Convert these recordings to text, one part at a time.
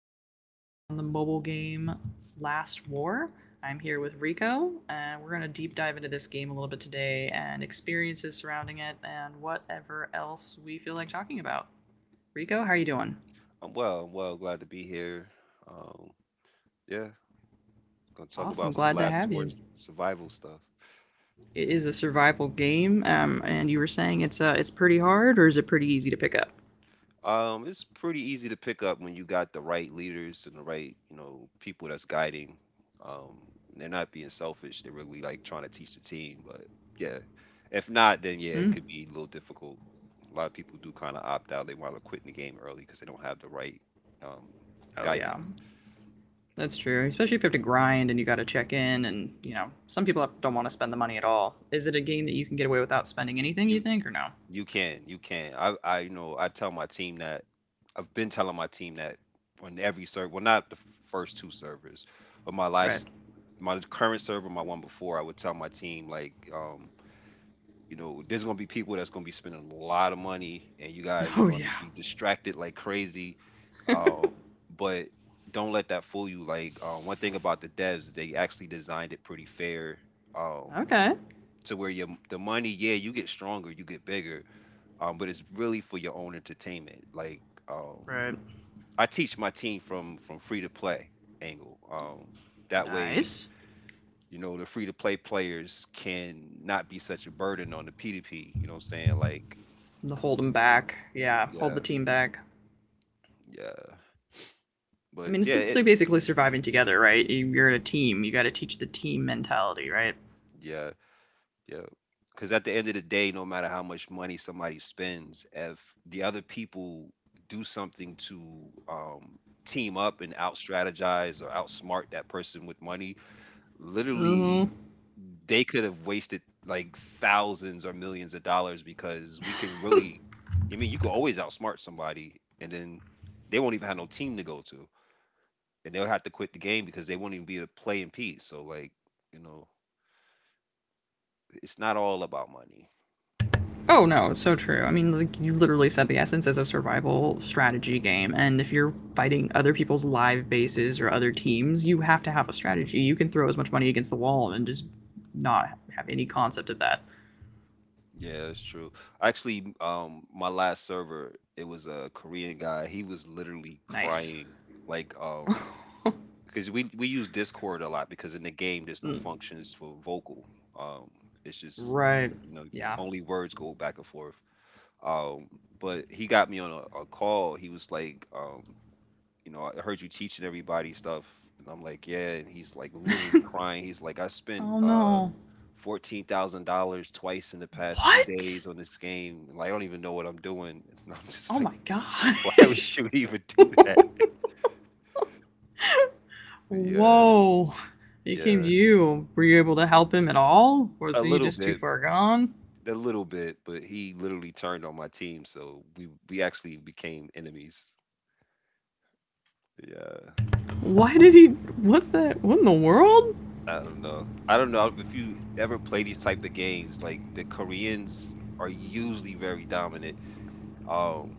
War, based on the mobile game Last War. I'm here with Rico, and we're going to deep dive into this game a little bit today and experiences surrounding it and whatever else we feel like talking about. Rico, how are you doing? I'm well. I'm well. Glad to be here. Um, yeah, gonna talk Awesome, about some glad to Last have War you. survival stuff. It Okay. is a survival game, and you were saying it's pretty hard, or is it pretty easy to pick up? It's pretty easy to pick up when you got the right leaders and the right, you know, people that's guiding. Um, they're not being selfish. They're really like trying to teach the team. But yeah, if not, then yeah, it Hmm? could be a little difficult. A lot of people do kind of opt out. They want to quit in the game early because they don't have the right um, Oh yeah, guidance. that's true, especially if you have to grind and you got to check in, and you know some people don't want to spend the money at all. Is it a game that you can get away without spending anything? You You think or no? You can, you can. You know, I tell my team that. I've been telling my team that on every server, well, not the first two servers, but my Right. last, my current server, my one before, I would tell my team like, you know, there's gonna be people that's gonna be spending a lot of money, and you guys are Oh going to yeah. be distracted like crazy. Um, but don't let that fool you. Like, one thing about the devs, they actually designed it pretty fair. Um, Okay. to where your the money, yeah, you get stronger, you get bigger, but it's really for your own entertainment. Like um, Right. I teach my team from free to play angle. That way, Nice. you know, the free to play players can not be such a burden on the P2P. You know what I'm saying? Like, The hold them back. Yeah, hold the yeah, team back. yeah, I but mean, it's yeah, it, simply basically surviving together, right? You're in a team. You got to teach the team mentality, right? yeah, yeah. Because at the end of the day, no matter how much money somebody spends, if the other people do something to team up and out strategize or outsmart that person with money, literally Mm-hmm. they could have wasted like thousands or millions of dollars because we can really I mean you can always outsmart somebody and then they won't even have no team to go to and they'll have to quit the game because they won't even be able to play in peace. So like, you know, it's not all about money. Oh no, it's so true. I mean, like you literally said, the essence is a survival strategy game, and if you're fighting other people's live bases or other teams, you have to have a strategy. You can throw as much money against the wall and just not have any concept of that. Yeah, it's true. Actually, my last server, it was a Korean guy. He was literally Nice. crying like because we use Discord a lot because in the game there's no functions for vocal. Um, it's just Right. you know Yeah. only words go back and forth. Um, but he got me on a call. He was like, you know, I heard you teaching everybody stuff, and I'm like, yeah. And he's like literally crying. He's like, I spent Oh no. $14,000 twice in the past two What? days on this game. And like, I don't even know what I'm doing. And I'm just Oh like, my why would gosh. you even do that? Yeah, Whoa. He came to yeah, you. Were you able to help him at all? Was a he little just too bit. far gone? A little bit, but he literally turned on my team, so we actually became enemies. Yeah. Why did he? What the? What in the world? I don't know. I don't know if you ever play these type of games. Like the Koreans are usually very dominant, um,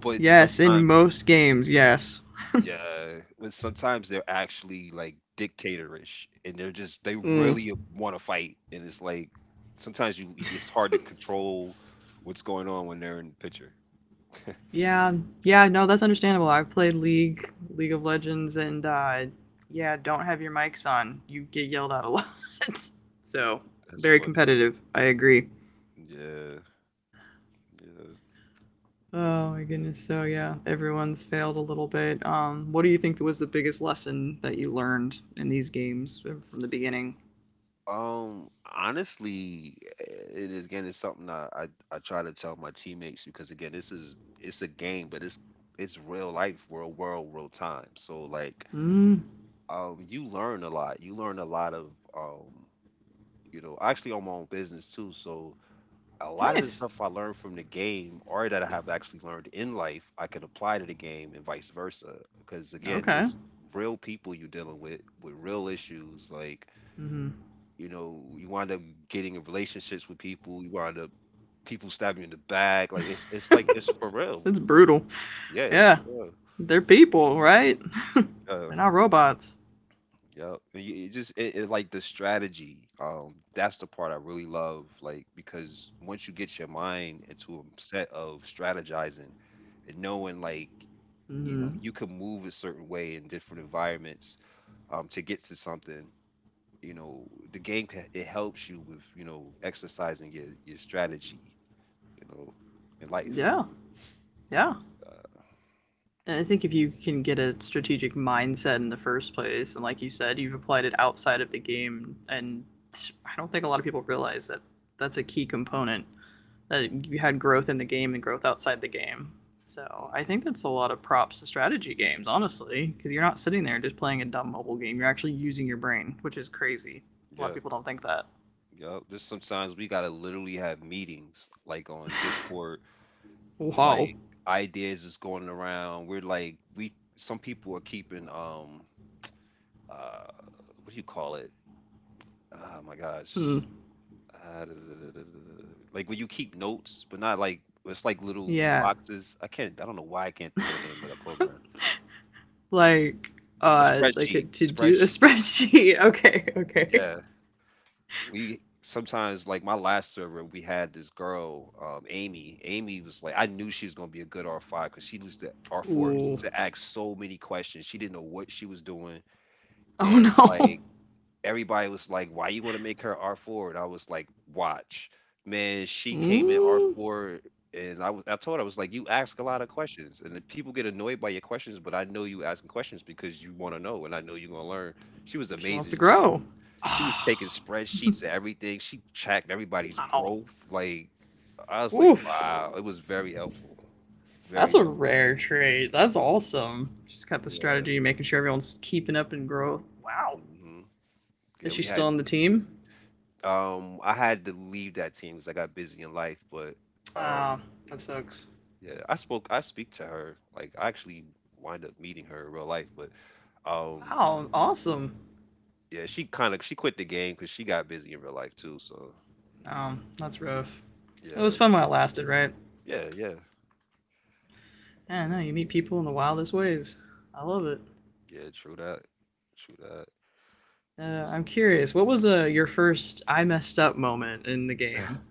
but Yes, in sometimes, most games, yes. yeah, but sometimes they're actually like dictatorish, and they're just they Mm. really want to fight, and it's like sometimes you it's hard to control what's going on when they're in the picture. Yeah, yeah, no, that's understandable. I've played League, League of Legends, and yeah, don't have your mics on. You get yelled at a lot. So, That's very funny. competitive. I agree. Yeah, yeah. Oh my goodness. So, yeah, everyone's failed a little bit. What do you think was the biggest lesson that you learned in these games from the beginning? Um, honestly, it is again it's something I try to tell my teammates because again this is it's a game, but it's real life, real world, real time. So like, Mm, you learn a lot. You learn a lot of you know, I actually own my own business too. So a lot of the nice. stuff I learned from the game or that I have actually learned in life, I can apply to the game and vice versa. Because again, Okay. this real people you're dealing with real issues like Mm-hmm. you know, you wind up getting in relationships with people. You wind up people stabbing you in the back. Like it's like it's for real. It's brutal. Yeah, it's Yeah, for real. they're people, right? Yeah, They're not robots. yeah. And you- It just it, it like the strategy. That's the part I really love. Like because once you get your mind into a set of strategizing and knowing like you know Mm, you can move a certain way in different environments to get to something you know the game ca- it helps you with you know exercising your strategy you know, in life. yeah, yeah. Uh, And I think if you can get a strategic mindset in the first place, and like you said, you've applied it outside of the game, and I don't think a lot of people realize that that's a key component that you had growth in the game and growth outside the game. So I hmm think that's a lot of props to strategy games, honestly, because you're not sitting there just playing a dumb mobile game. You're actually using your brain, which is crazy. A lot of Yeah, people don't think that. yeah. Just sometimes we gotta literally have meetings, like on Discord, Wow. like ideas is going around. We're like, we some people are keeping uh what do you call it? Oh my gosh. Hmm. Da- da- da- da- da- da- da. Like when you keep notes, but not like it's like little Yeah. boxes. I can't. I don't know why I can't think of the name of that program. like A like a spreadsheet. to do a Spreadsheet. spreadsheet. Okay, okay. Yeah. We sometimes like my last server we had this girl Amy. Amy was like I knew she was going to be a good R5 because she was the R4. She Ooh. used to ask so many questions. She didn't know what she was doing, Oh and no. like everybody was like why you want to make her R4, and I was like watch. Man, she came in Mm, R4, and I told her, I was like, you ask a lot of questions and the people get annoyed by your questions, but I know you asking questions because you want to know, and I know you're going to learn. She was she wants to amazing. grow. She was taking Ah, spreadsheets and everything. She tracked everybody's wow. growth. Like I was like, Oof. wow, it was very helpful. That's Very a helpful. rare trait. That's awesome. She's got the Yeah. strategy, making sure everyone's keeping up in growth. Wow. hmm Is Yeah, she we still had on the team? I had to leave that team because I got busy in life, but um Ah, oh, that sucks. yeah, I speak to her. Like I actually wind up meeting her in real life, but um Wow, awesome. yeah, she kind of she quit the game because she got busy in real life too. So That's rough. It was yeah, fun while it lasted, right? yeah, yeah, Yeah, I don't know, you meet people in the wildest ways. I love it. yeah. True that. True that. I'm curious. What was your first "I messed up" moment in the game?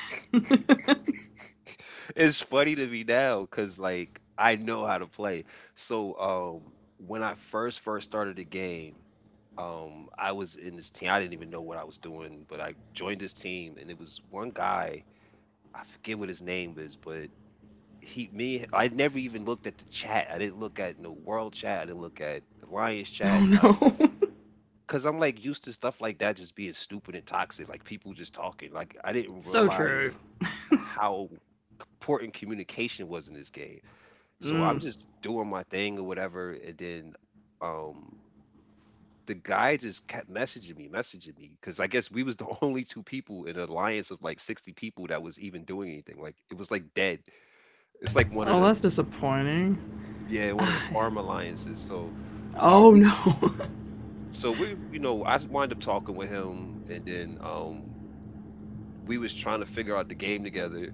Oh It's funny to me now because like I know how to play. So when I first started the game, I was in this team. I didn't even know what I was doing, but I joined this team and it was one guy, I forget what his name is, but he me I never even looked at the chat. I didn't look at no world chat, I didn't look at Alliance chat. Like no. cause I'm like used to stuff like that just being stupid and toxic, like people just talking. Like I didn't So true. realize how important communication was in this game. So I'm Mm. just doing my thing or whatever, and then um the guy just kept messaging me, because I guess we was the only two people in an alliance of like 60 people that was even doing anything. Like it was like dead. It's like one of Oh, the that's disappointing. Yeah, one of the Ah, farm alliances. So um oh we no. We you know, I wind up talking with him and then we was trying to figure out the game together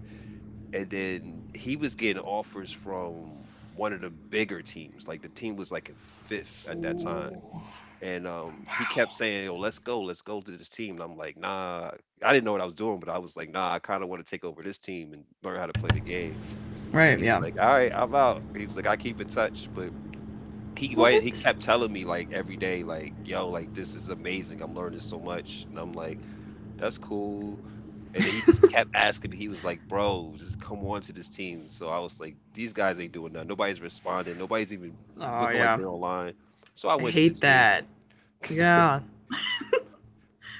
and then he was getting offers from one of the bigger teams. Like the team was like in fifth at that time. And he kept saying, "Yo, let's go to this team." And I'm like, "Nah." I didn't know what I was doing, but I was like, "Nah, I kind of want to take over this team and learn how to play the game." Right? He's Yeah. like, "All right, I'm out." He's like, "I keep in touch," but he What? kept telling me like every day, like, "Yo, like this is amazing. I'm learning so much," and I'm like, "That's cool." And then he just kept asking me. He was like, "Bro, just come on to this team." So I was like, "These guys ain't doing nothing. Nobody's responding. Nobody's even Oh looking like yeah. they're online." So I I went to the hate team. that. Yeah.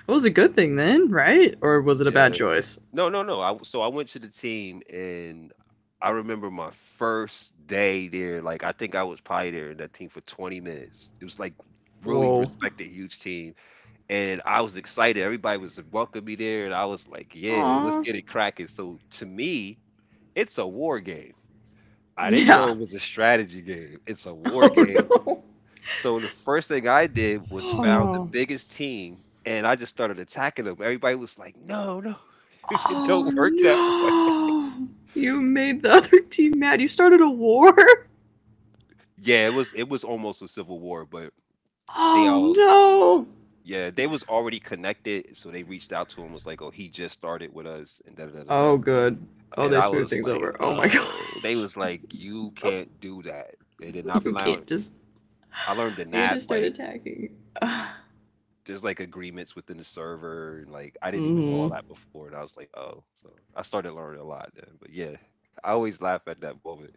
It was a good thing then, right? Or was it a bad Yeah, choice? no, no, no. I w so I went to the team, and I remember my first day there, like, I think I was probably there in that team for 20 minutes. It was, like, really Whoa. respected huge team, and I was excited. Everybody was welcoming me there, and I was like, "Yeah, let's Aw. get it cracking." So, to me, it's a war game. I didn't know Yeah. it was a strategy game. It's a war Oh game. no. So, the first thing I did was Oh found the no. biggest team, and I just started attacking them. Everybody was like, "No, no. It don't Oh work that way." no! You made the other team mad. You started a war? Yeah, it was almost a civil war, but they Oh all no! yeah, they was already connected, so they reached out to him was like, "Oh, he just started with us," and da da da da. Da. Oh good. Oh, And they I smooth was things like, over. Oh my god. "Oh," they was like, "You can't do that." And then You can't just I learned the you can't nap just start like attacking. Uh, there's like agreements within the server, and like I didn't even know all mm-hmm. that before, and I was like, "Oh," so I started learning a lot then. But yeah, I always laugh at that moment.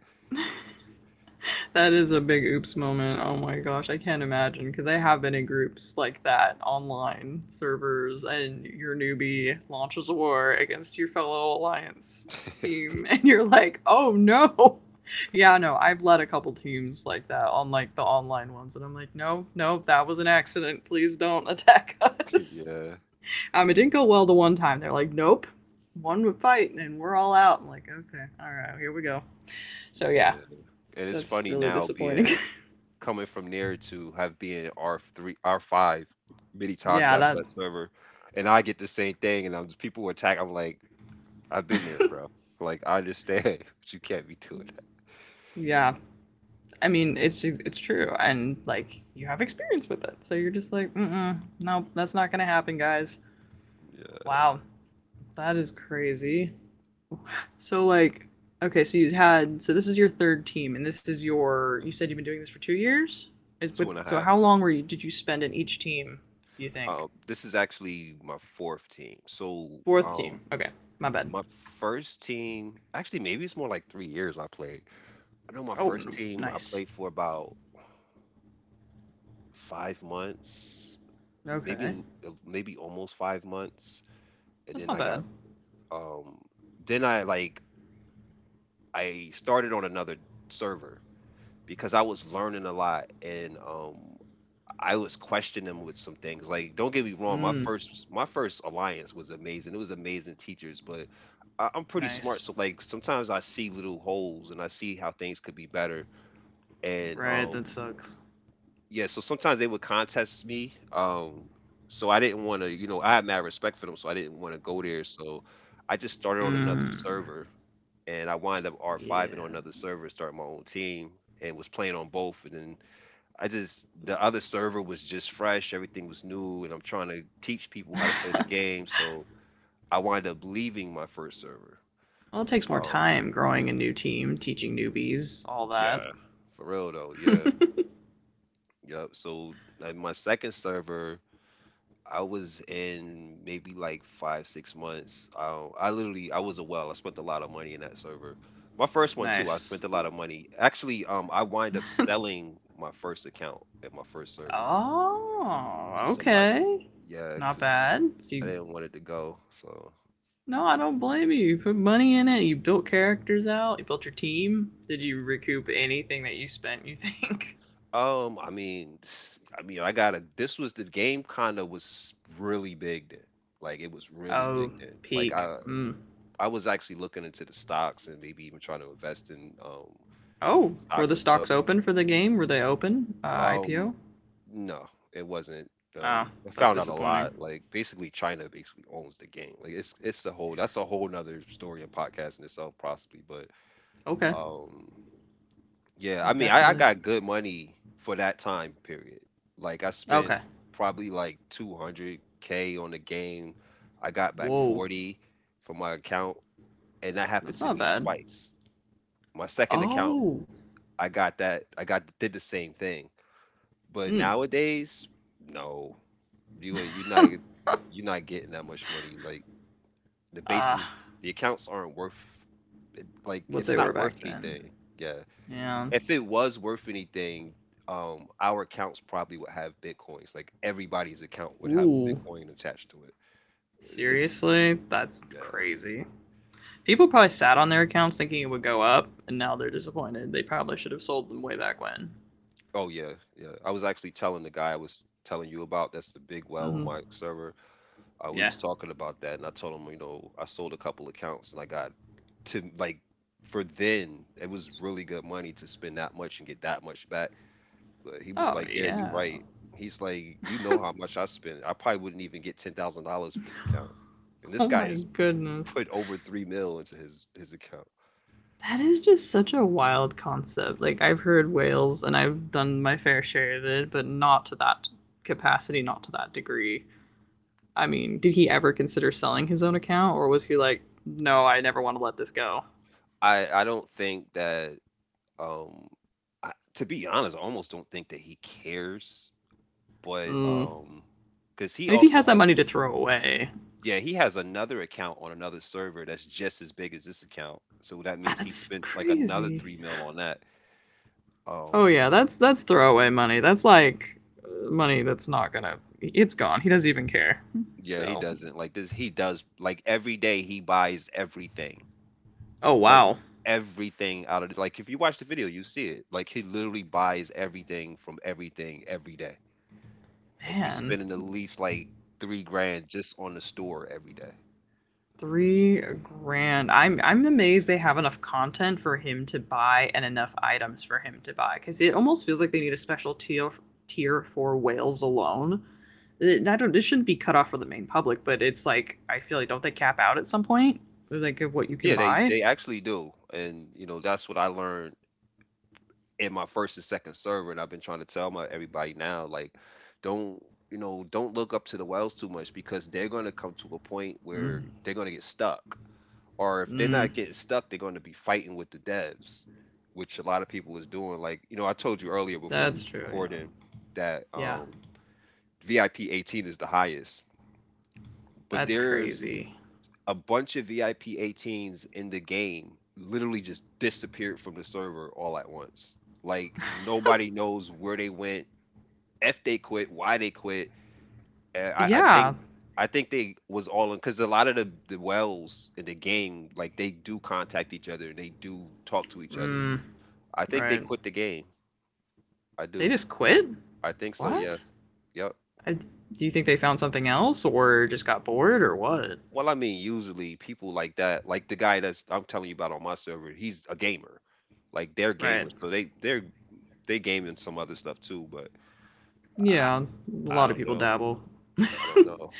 That is a big oops moment. Oh my gosh, I can't imagine because I have been in groups like that online servers, and your newbie launches a war against your fellow alliance team, and you're like, oh no. Yeah, no, I've led a couple teams like that on like the online ones, and I'm like, no, no, that was an accident. Please don't attack us. Yeah, It didn't go well the one time. They're like, nope, one fight, and we're all out. I'm like, okay, all right, here we go. So yeah, yeah, and it's that's funny really now disappointing. being coming from there to have been R3, R5 many times Yeah, after that that server. And I get the same thing, and people attack. I'm like, I've been there, bro. Like, I understand, but you can't be doing yeah. I mean, it's true and like you have experience with it. So you're just like, no, that's not going to happen, guys." that. Yeah, Wow. That is crazy. So like, okay, so you had so this is your third team and this is your you said you've been doing this for 2 years? Is with two and a so half. how long were you did you spend in each team, you think? This is actually my fourth team. So, Fourth team. Okay. My bad. my first team, actually, maybe it's more like 3 years I played. I know my Oh, first team I nice. played for about 5 months, Okay. maybe maybe almost 5 months, and That's then not I bad. got. Um, then I started on another server because I was learning a lot, and I was questioning them with some things. Like, don't get me wrong, my Mm, first my first alliance was amazing. It was amazing teachers, but I'm pretty smart, nice. so like sometimes I see little holes and I see how things could be better. And Right, that sucks. yeah, so sometimes they would contest me. So I didn't want to, you know, I had mad respect for them, so I didn't want to go there. So I just started on another Mm. server, and I wind up R5ing on Yeah. another server, starting my own team, and was playing on both. And then I just the other server was just fresh, everything was new, and I'm trying to teach people how to play the game. So I wind up leaving my first server. Well, it takes more Um, time growing a new team, teaching newbies, all that. yeah, for real though, yeah, yep. So like, my second server I was in maybe like five, 6 months. I literally, I was a well. I spent a lot of money in that server. My first one too. I Nice. spent a lot of money. Actually, I wind up selling my first account at my first server to Oh, somebody. okay. Yeah, Not because bad. So I you, didn't want it to go. So, no, I don't blame you. You put money in it. You built characters out. You built your team. Did you recoup anything that you spent? You think? I mean, I mean, I got a. This was the game. Kind of was really big then. Like it was really big Oh, then. Peak. Mm. I was actually looking into the stocks and maybe even trying to invest in Oh, were stocks the and stuff. stocks open for the game? Were they open? Um, IPO? no, it wasn't. Oh, I that's found out a disappointing. lot. Like basically, China basically owns the game. Like it's a whole that's a whole nother story and podcast in itself, possibly. But Okay. um, yeah, I mean, I Definitely. got good money for that time period. Like I spent Okay. probably like 200 k on the game. I got back Whoa. 40 from my account, and that happened That's to not me bad. twice. My second account, Oh. I got that. I got did the same thing. But Hmm. nowadays, no. You ain't you not you're not getting that much money. Like the bases, Ah, the accounts aren't worth like what it's they were not worth back then. anything. Yeah. Yeah. If it was worth anything, our accounts probably would have bitcoins. Like everybody's account would have a Ooh. bitcoin attached to it. It's Seriously? That's yeah. crazy. People probably sat on their accounts thinking it would go up, and now they're disappointed. They probably should have sold them way back when. Oh yeah, yeah. I was actually telling the guy I was telling you about, that's the big well on Mm-hmm. my server. We Yeah. was talking about that, and I told him, you know, I sold a couple accounts, and I got to like for then it was really good money to spend that much and get that much back. But he was Oh, like, "Yeah, you yeah. right." He's like, "You know how much I spent? I probably wouldn't even get $10,000 for this account." And Oh this guy my has goodness. put over three mil into his account. That is just such a wild concept. Like, I've heard whales and I've done my fair share of it, but not to that capacity, not to that degree. I mean, did he ever consider selling his own account, or was he like, no, I never want to let this go? I don't think that um, to be honest, I almost don't think that he cares, but Mm. Because I he mean, if he also has that has. money to throw away, Yeah, he has another account on another server that's just as big as this account, so that means he that's spent, like, another 3 crazy. mil on that. Oh Oh, yeah, that's throwaway money. That's like money that's not gonna. It's gone. He doesn't even care. yeah, he So, doesn't like, this he does like, every day he buys everything, oh like, wow, everything out of it. Like, if you watch the video, you see it, like, he literally buys everything from everything every day. Like, he's man, spending at least, like, 3 grand just on the store every day. 3 grand. I'm amazed they have enough content for him to buy and enough items for him to buy because it almost feels like they need a special tier for whales alone. I don't. It shouldn't be cut off for the main public, but it's like I feel like don't they cap out at some point? Like of what you can Yeah, buy. they actually do, and, you know, that's what I learned in my first and second server, and I've been trying to tell my everybody now, like, don't you know, don't look up to the wells too much because they're gonna come to a point Mm, where they're gonna get stuck. Or if they're mm, not getting stuck, they're gonna be fighting with the devs, which a lot of people is doing. Like, you know, I told you earlier before that's we was true. Yeah. recording that Yeah. VIP 18 is the highest, but That's there's crazy. a bunch of VIP 18s in the game literally just disappeared from the server all at once. Like nobody knows where they went, if they quit, why they quit. And I think Yeah. They was all in because a lot of the wells in the game, like they do contact each other and they do talk to each other. Mm, I think they right. quit the game. I They do. just quit. I think so. Yeah. What? Yep. Do you think they found something else or just got bored or what? Well, I mean, usually people like that, like the guy that's I'm telling you about on my server, he's a gamer like they're Right. gamers, so they game in some other stuff too, but Yeah, a I lot of don't people know. dabble. I don't know.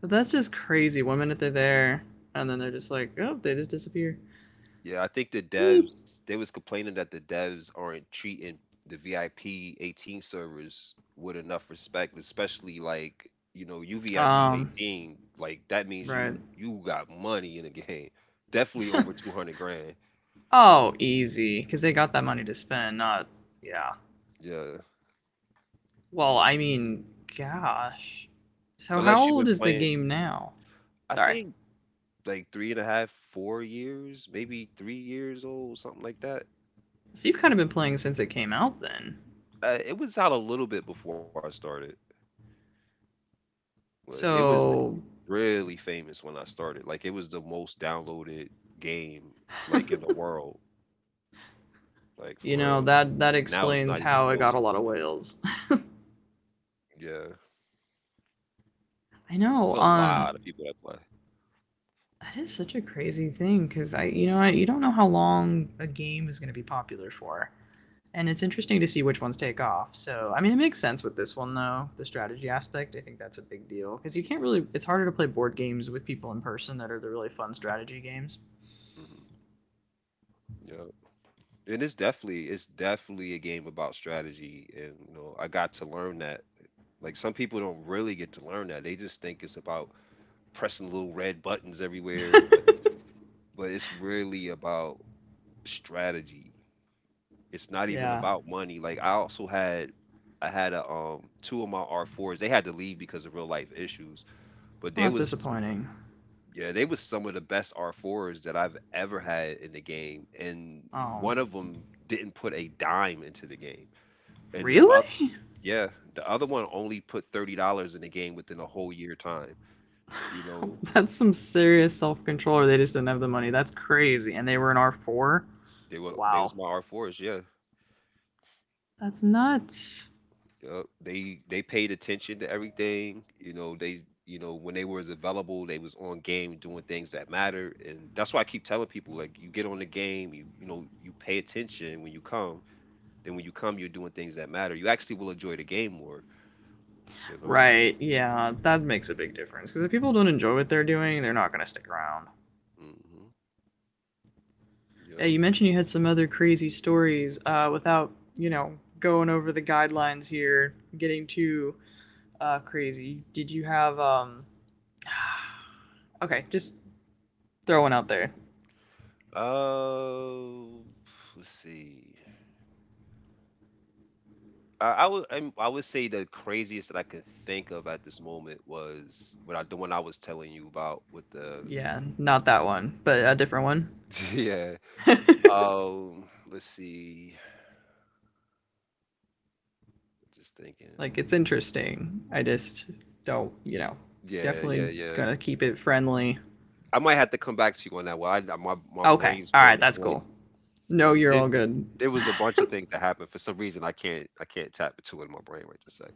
But that's just crazy. One minute they're there, and then they're just like, oh, they just disappear. Yeah, I think the Hmm. devs they was complaining that the devs aren't treating the VIP 18 servers with enough respect, especially like you know you VIP Um, 18 like that means right. You got money in the game, definitely over 200 grand. Oh, easy. Because they got that money to spend, not. Yeah. Yeah, Well, I mean, gosh. So, how unless you've old been is the playing, game now? I Sorry. think like three and a half, 4 years, maybe 3 years old, something like that. So, you've kind of been playing since it came out then. It was out a little bit before I started, but it was So, really famous when I started. Like it was the most downloaded game like in the world. Like for real. you know, that, Now that it's not even explains close. how it got a lot of whales. Yeah, I it's a know. lot of Um, people that play. that is such a crazy thing because I, you know, I, you don't know how long a game is going to be popular for, and it's interesting to see which ones take off. So, I mean, it makes sense with this one though. The strategy aspect, I think that's a big deal because you can't really. It's harder to play board games with people in person that are the really fun strategy games. Hmm. Yeah, and it's definitely a game about strategy, and you know I got to learn that. Like some people don't really get to learn that. They just think it's about pressing little red buttons everywhere, and like, but it's really about strategy. It's not even Yeah. about money. Like I also had. I had a two of my R4s. They had to leave because of real life issues, but Well, they that's was disappointing. yeah, they was some of the best R4s that I've ever had in the game, and Oh, one of them didn't put a dime into the game. And the other really? yeah, the other one only put $30 in the game within a whole year time. You know, That's some serious self control, or they just didn't have the money. That's crazy. And they were an R4. they were they Wow. was my R4s, yeah. That's nuts. Yup. They paid attention to everything. You know, they you know when they was available, they was on game doing things that matter, and that's why I keep telling people like you get on the game, you know you pay attention when you come. Then when you come, you're doing things that matter. You actually will enjoy the game more. You know. Right. Yeah, that makes a big difference because if people don't enjoy what they're doing, they're not going to stick around. Hmm. Yeah, Yep. you mentioned you had some other crazy stories without, going over the guidelines here, getting too crazy. Did you have, okay, just throw one out there. Uh, let's see. I would say the craziest that I could think of at this moment was what I, the one I was telling you about with the. Yeah, not that one, but a different one. Yeah. Let's see. Just thinking. Like, it's interesting. I just don't, you know, Yeah, yeah, definitely yeah. going to keep it friendly. I might have to come back to you on that one. My my Okay. brain's All right. drawing a That's blank, cool. No, but you're it all good. there was a bunch of things that happened. For some reason, I can't tap into it in my brain right this second.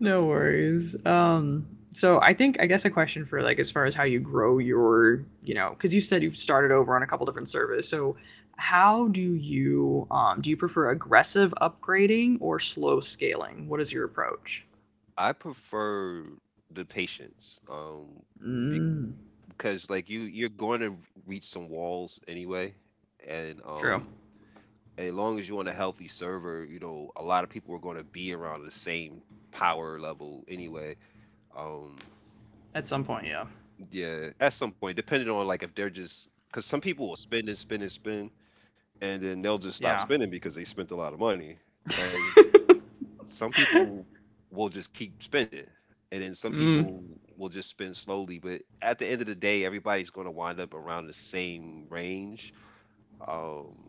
No worries. So I think I guess a question for like as far as how you grow your, because you said you've started over on a couple different servers. So how do you prefer aggressive upgrading or slow scaling? What is your approach? I prefer the patience, be- Mm, because like you you're going to reach some walls anyway, and true. As long as you're on a healthy server, you know a lot of people are going to be around the same power level anyway. Um, At some point, yeah, Yeah, at some point, depending on like if they're just because some people will spend and spend and spend, and then they'll just stop yeah. spending because they spent a lot of money, and some people will just keep spending, and then some Mm, people will just spend slowly. But at the end of the day, everybody's going to wind up around the same range. Um,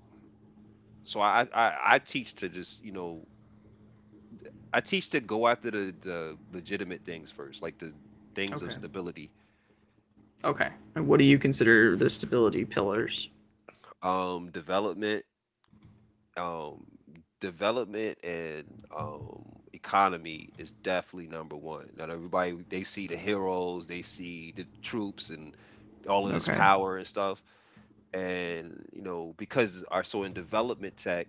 so I teach to just you know I teach to go after the legitimate things first, like the things of okay, stability, okay. And what do you consider the stability pillars? Development um, and economy is definitely number one. Now everybody they see the heroes, they see the troops, and all of this Okay, power and stuff. And you know, because are so in development tech,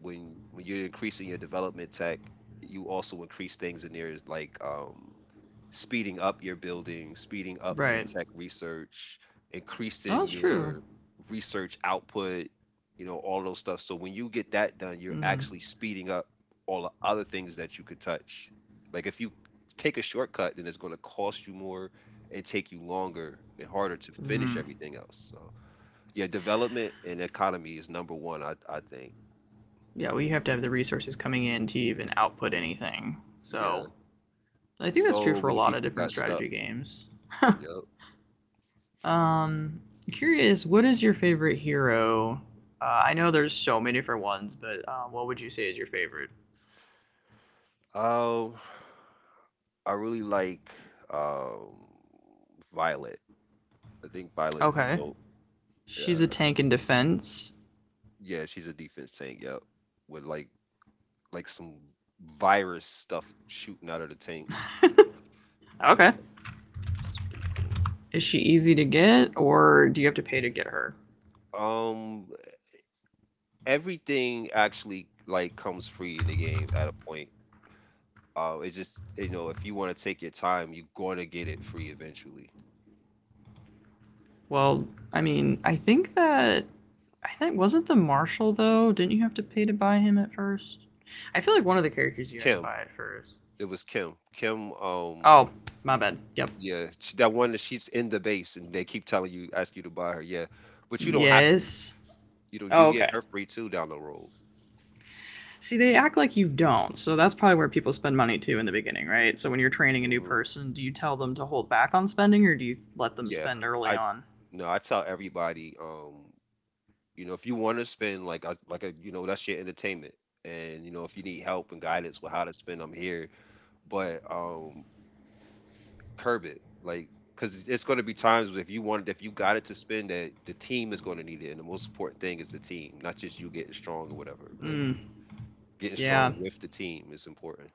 when you're increasing your development tech, you also increase things in there is like speeding up your building, speeding up your right. tech research, Oh, increasing that's true. your research output, you know, all those stuff. So when you get that done, you're Mm-hmm. actually speeding up all the other things that you could touch. Like if you take a shortcut, then it's going to cost you more and take you longer and harder to finish Mm. everything else. So yeah, development and economy is number one. I think. Yeah, well, you have to have the resources coming in to even output anything. Yeah, So I think that's true so for a many lot of people different got stuck. strategy games. Yep. Um, curious, what is your favorite hero? I know there's so many different ones, but what would you say is your favorite? Um, I really like um Violet. I think Violet is Okay, dope. Yeah, she's a tank in defense. yeah, she's a defense tank. Yep, with like some virus stuff shooting out of the tank. Yeah, Okay, it's pretty cool. is she easy to get, or do you have to pay to get her? Um, Everything actually like comes free in the game at a point. It's just you know, if you want to take your time, you're gonna get it free eventually. Well, I mean, I think that I think wasn't the marshal though? Didn't you have to pay to buy him at first? I feel like one of the characters you had to Kim, buy at first. it was Kim. Kim. Oh, my bad. Yep. Yeah, she, that one that she's in the base, and they keep telling you, ask you to buy her. Yeah, but you don't have to. Yes. You know, Oh, you get okay. her free too down the road. See, they act like you don't. So that's probably where people spend money too in the beginning, right? So when you're training a new hmm person, do you tell them to hold back on spending or do you let them Yeah, spend early I on? no, I tell everybody, you know, if you want to spend like a you know that's your entertainment, and you know if you need help and guidance with how to spend, I'm here. But curb it, like because it's going to be times if you want if you got it to spend that the team is going to need it, and the most important thing is the team, not just you getting strong or whatever, but Mm, getting yeah, strong with the team is important.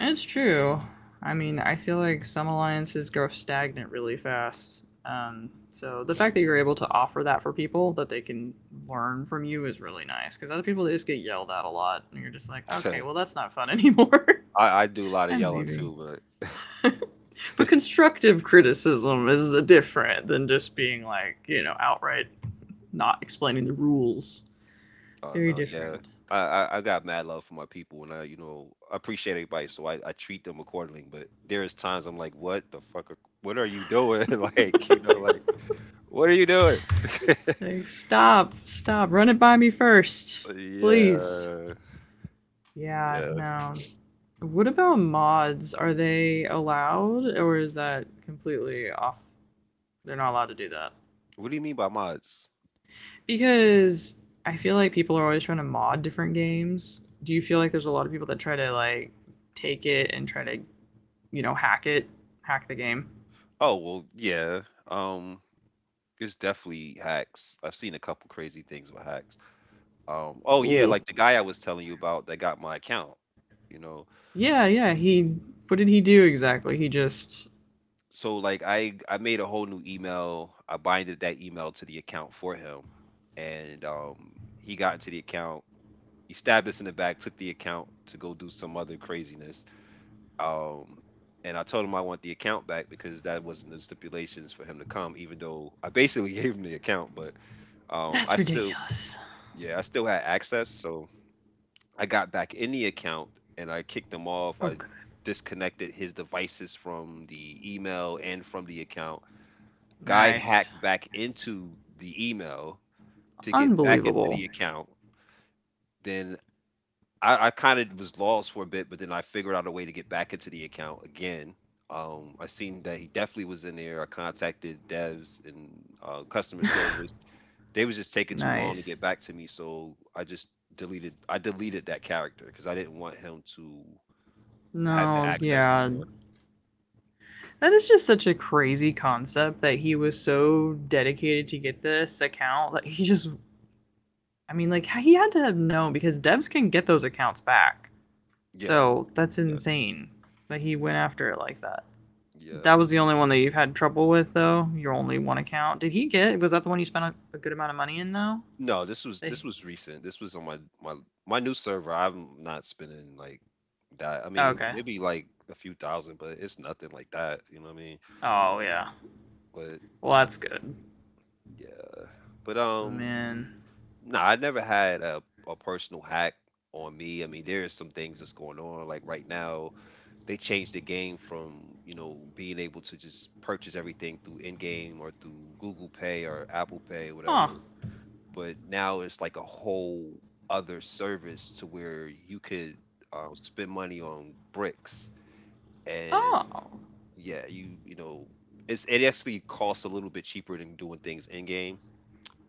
it's true. I mean, I feel like some alliances grow stagnant really fast. So the fact that you're able to offer that for people that they can learn from you is really nice because other people they just get yelled at a lot and you're just like, okay, I, well that's not fun anymore. I do a lot of I'm yelling leaving. too, but But constructive criticism is different than just being like, you know, outright not explaining the rules. I don't Very know. Yeah, different. I got mad love for my people, and I you know I appreciate everybody, so I treat them accordingly. But there is times I'm like, what the fuck? What are you doing? like you know, like what are you doing? Like, stop, run it by me first, please. yeah, Yeah, yeah. no. What about mods? Are they allowed, or is that completely off? They're not allowed to do that. What do you mean by mods? Because I feel like people are always trying to mod different games. Do you feel like there's a lot of people that try to, like, take it and try to hack it, hack the game. Oh, well, yeah. Um, it's definitely hacks. I've seen a couple crazy things with hacks. Oh yeah, Ooh. like the guy I was telling you about that got my account, you know. Yeah, yeah, he. What did he do exactly? He just. So like I made a whole new email. I binded that email to the account for him. And He got into the account. He stabbed us in the back, took the account to go do some other craziness. Um and I told him I want the account back because that wasn't the stipulations for him to come, even though I basically gave him the account, but I That's still ridiculous. Yeah, I still had access, so I got back in the account and I kicked him off. Oh, I good. disconnected his devices from the email and from the account. Guy Nice. hacked back into the email to get back into Unbelievable. the account. Then I kind of was lost for a bit, but then I figured out a way to get back into the account again. I seen that he definitely was in there. I contacted devs and customer service. They was just taking too long to Nice. get back to me, so I just deleted I deleted that character because I didn't want him to have to No, access no yeah. more. That is just such a crazy concept that he was so dedicated to get this account that he just. I mean, like, he had to have known because devs can get those accounts back. Yeah, So that's yeah, insane that he went after it like that. yeah. That was the only one that you've had trouble with, though. Your only one account. Did he get? Was that the one you spent a good amount of money in, though? No, They, this was recent. This was on my my new server. I'm not spending like that. I oh, mean, okay. maybe like a few thousand, but it's nothing like that. You know what I mean? Oh yeah. But Well, that's good. yeah, but Man. no, I never had a personal hack on me. I mean, there is some things that's going on like right now they changed the game from you know being able to just purchase everything through in-game or through Google Pay or Apple Pay Huh. whatever, but now it's like a whole other service to where you could spend money on bricks and Oh. yeah you know it's it actually costs a little bit cheaper than doing things in-game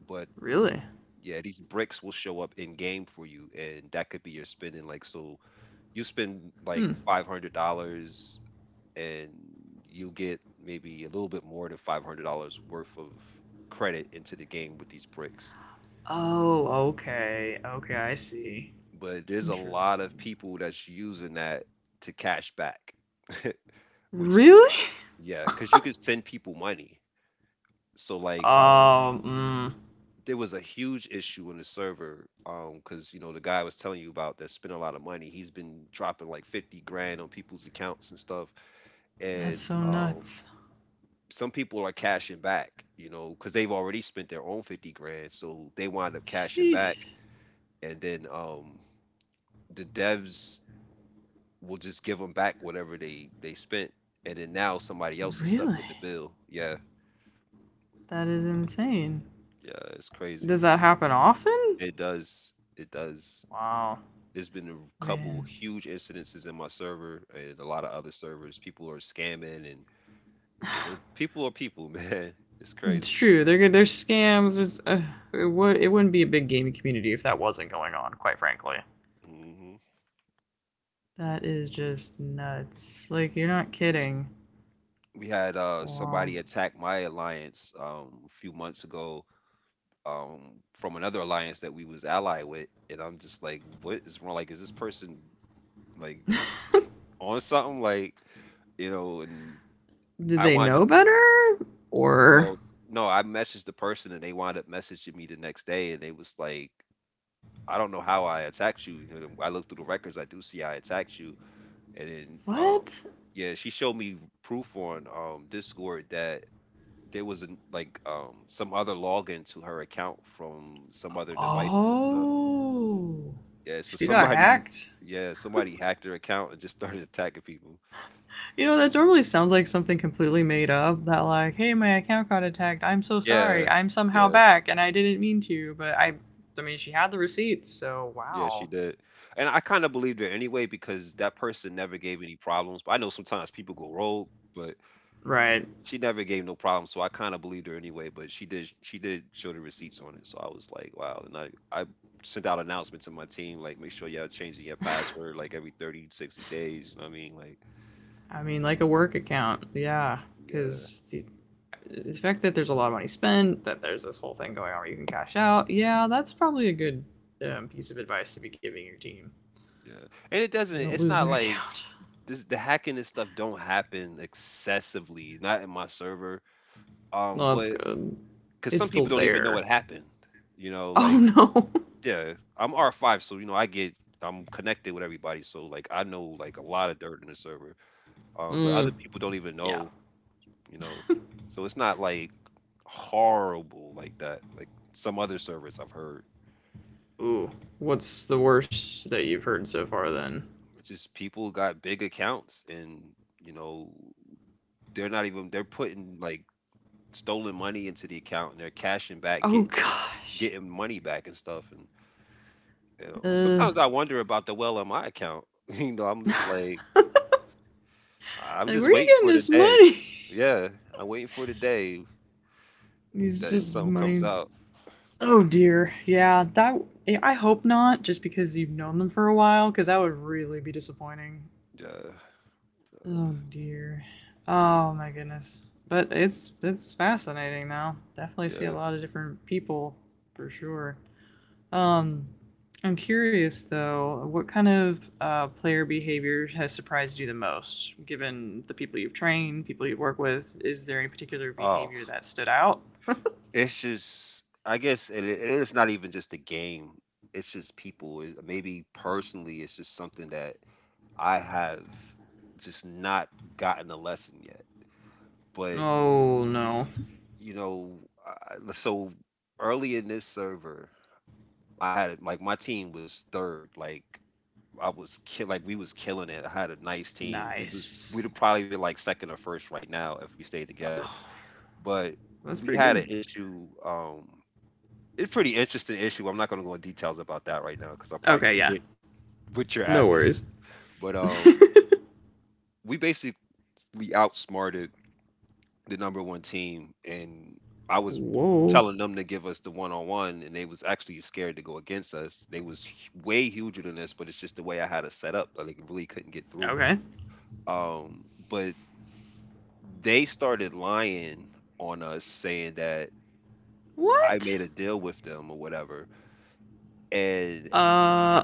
but Really? yeah these bricks will show up in game for you and that could be your spending like, so you spend like Hmm. $500 and you get maybe a little bit more than $500 worth of credit into the game with these bricks. Oh. Okay. Okay. I see. But there's a lot of Interesting. people that's using that to cash back, which Really? yeah, because you can send people money. So, like, Oh, there was a huge issue in the server, because, you know, the guy I was telling you about that spent a lot of money. He's been dropping like 50 grand on people's accounts and stuff. that's And so nuts. Some people are cashing back, you know, because they've already spent their own 50 grand. So they wind up cashing back. Sheesh. And then The devs will just give them back whatever they spent. And then now somebody else is stuck Really? with the bill. Yeah. That is insane. Yeah. It's Does crazy. that happen often? It does. It does. Wow. There's been a Man. couple huge incidences in my server and a lot of other servers. People are scamming and, you know, people are people, man. It's It's crazy. true. They're scams. It's, it wouldn't be a big gaming community if that wasn't going on. Quite frankly, Mhm. that is just nuts. Like you're not kidding. We had Wow. somebody attack my alliance a few months ago um from another alliance that we was allied with, and I'm just like, what is wrong, like is this person like on something, like you know. And Did I they wanted know to better or well no, I messaged the person and they wound up messaging me the next day, and they was like, I don't know how I attacked you, you know I look through the records, I do see I attacked you. And then what? Yeah, she showed me proof on Discord that there was an, like some other login to her account from some other devices and stuff. Oh, Yeah, so she got somebody hacked. yeah, somebody hacked her account and just started attacking people. You know that normally sounds like something completely made up. That like, hey, my account got attacked. I'm so sorry. Yeah. I'm somehow Yeah. back, and I didn't mean to. I mean, she had the receipts. So Yeah, wow. she did. And I kind of believed her anyway because that person never gave any problems. But I know sometimes people go rogue, but Right. she never gave no problems, so I kind of believed her anyway, but she did show the receipts on it. So I was like, wow. And I sent out announcements to my team, like make sure y'all changing your password like every 30, 60 days, you know what I mean? Like I mean, like a work account, yeah, Yeah, because the fact that there's a lot of money spent, that there's this whole thing going on where you can cash out, yeah, that's probably a good piece of advice to be giving your team. yeah. And it They doesn't don't it's lose not their like account. this, the hacking and stuff don't happen excessively, not in my server. No, that's But good. because It's some still people don't even know there. what happened. You know, Oh like no. yeah, I'm R5, so you know I get I'm connected with everybody, so like I know like a lot of dirt in the server. But mm, other people don't even yeah. know, you know. So it's not like horrible like that, like some other servers I've heard. Ooh. What's the worst that you've heard so far then? It's just people got big accounts and you know they're not even, they're putting like stolen money into the account and they're cashing back, Oh gosh. getting money back and stuff. And you know, Uh, sometimes I wonder about the well on my account. You know, I'm just like I'm like, just where are you waiting getting for the this day. money? Yeah, I'm waiting for the day It's that just something comes money. out. Oh dear. Yeah, that I hope not just because you've known them for a while cuz that would really be disappointing. Yeah, Oh dear. Oh my goodness. But it's fascinating though. Definitely see a yeah. lot of different people for sure. Um I'm curious though, what kind of player behavior has surprised you the most, given the people you've trained, people you work with? Is there any particular Oh, behavior that stood out? it's just I guess it's not even just the game. It's just people. It, maybe personally, it's just something that I have just not gotten the lesson yet. But Oh no. you know, so early in this server, I had like my team was third. Like I was kill like we was killing it. I had a nice team. We was Nice. we'd probably be like second or first right now if we stayed together. Oh, But that's we pretty had an good. issue. It's pretty interesting issue. I'm not gonna go in details about that right now because I'll probably Okay, forget yeah. what you're No asking. worries. But we basically outsmarted the number one team, and I was Whoa. telling them to give us the one on one, and they was actually scared to go against us. They was way huger than us, but it's just the way I had it set up. Like, really couldn't get through. Okay. Um, but they started lying on us, saying that I What? made a deal with them or whatever, and Uh,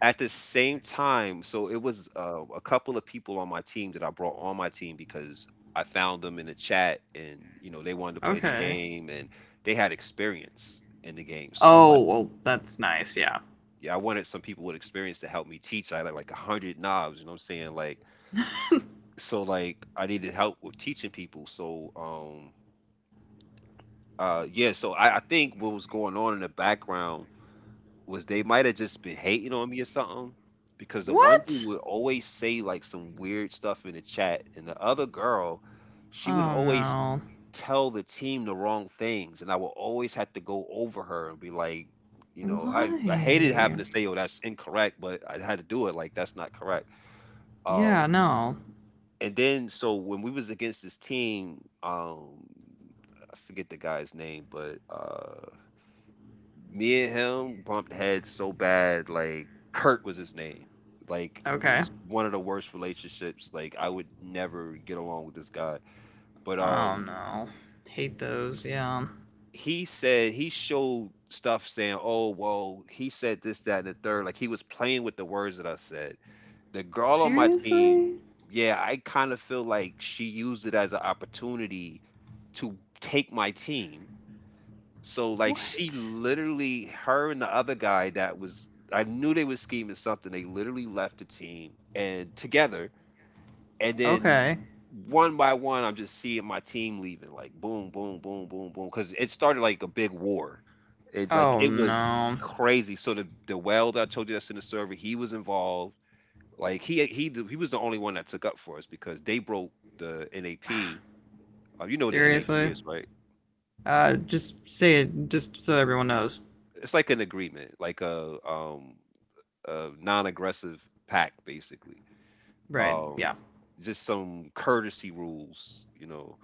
at the same time, so it was, a couple of people on my team that I brought on my team because I found them in a chat and, you know, they wanted to play the okay. game and they had experience in the game. So I would Oh, like well, that's nice, yeah. yeah, I wanted some people with experience to help me teach. I had like 100 knobs, you know what I'm saying? Like, so like I needed help with teaching people. So I think what was going on in the background was they might've just been hating on me or something, because the one What? dude would always say, like, some weird stuff in the chat, and the other girl, she would Oh, always no. tell the team the wrong things, and I would always have to go over her and be like, you know, I Why? I hated having to say, "Oh, that's incorrect," but I had to do it, like, "That's not correct." Yeah, Um, no. and then so when we was against this team, I forget the guy's name, but, me and him bumped heads so bad. Like Kurt was his name. Like it Okay. was one of the worst relationships. Like I would never get along with this guy. But Oh, no. Hate those, yeah. he said he showed stuff saying, "Oh, well, he said this, that, and the third." Like he was playing with the words that I said. The girl on my team, Seriously? yeah, I kind of feel like she used it as an opportunity to take my team. So, like, she What? literally her and the other guy that was, I knew they was scheming something. They literally left the team and together. And then Okay. one by one, I'm just seeing my team leaving, like boom, boom, boom, boom, boom. Cause it started like a big war. It like Oh, it was no. crazy. So the well that I told you that's in the server, he was involved. Like he was the only one that took up for us because they broke the NAP. You know what the NAP Seriously? is, right? Just say it just so everyone knows. It's like an agreement, like a non-aggressive pack, basically, Right, um yeah. just some courtesy rules, you know,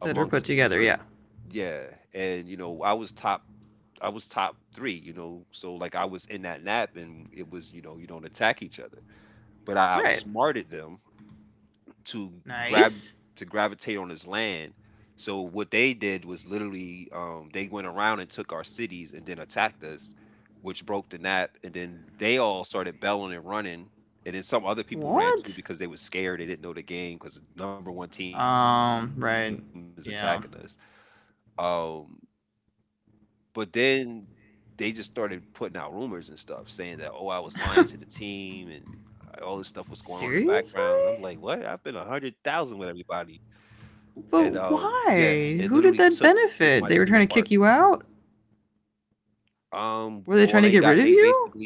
That are put amongst the together, yeah. server. Yeah, and you know I was top 3, you know, so like I was in that NAP, and it was, you know, you don't attack each other, but I Right. outsmarted them to grab Nice. to gravitate on his land. So what they did was literally, they went around and took our cities and then attacked us, which broke the nap. And then they all started bellowing and running. And then some other people ran too What? because they was scared. They didn't know the game because the number one team is attacking us. Right. Yeah. Um, but then they just started putting out rumors and stuff saying that, oh, I was lying to the team and all this stuff was going on in the background. I'm like, what? I've Seriously? been a hundred thousand with everybody. And yeah, But it literally took why? Who did ripped that my team benefit? apart. They were trying to kick you out? Were Well, they they trying to got get they rid of you? basically,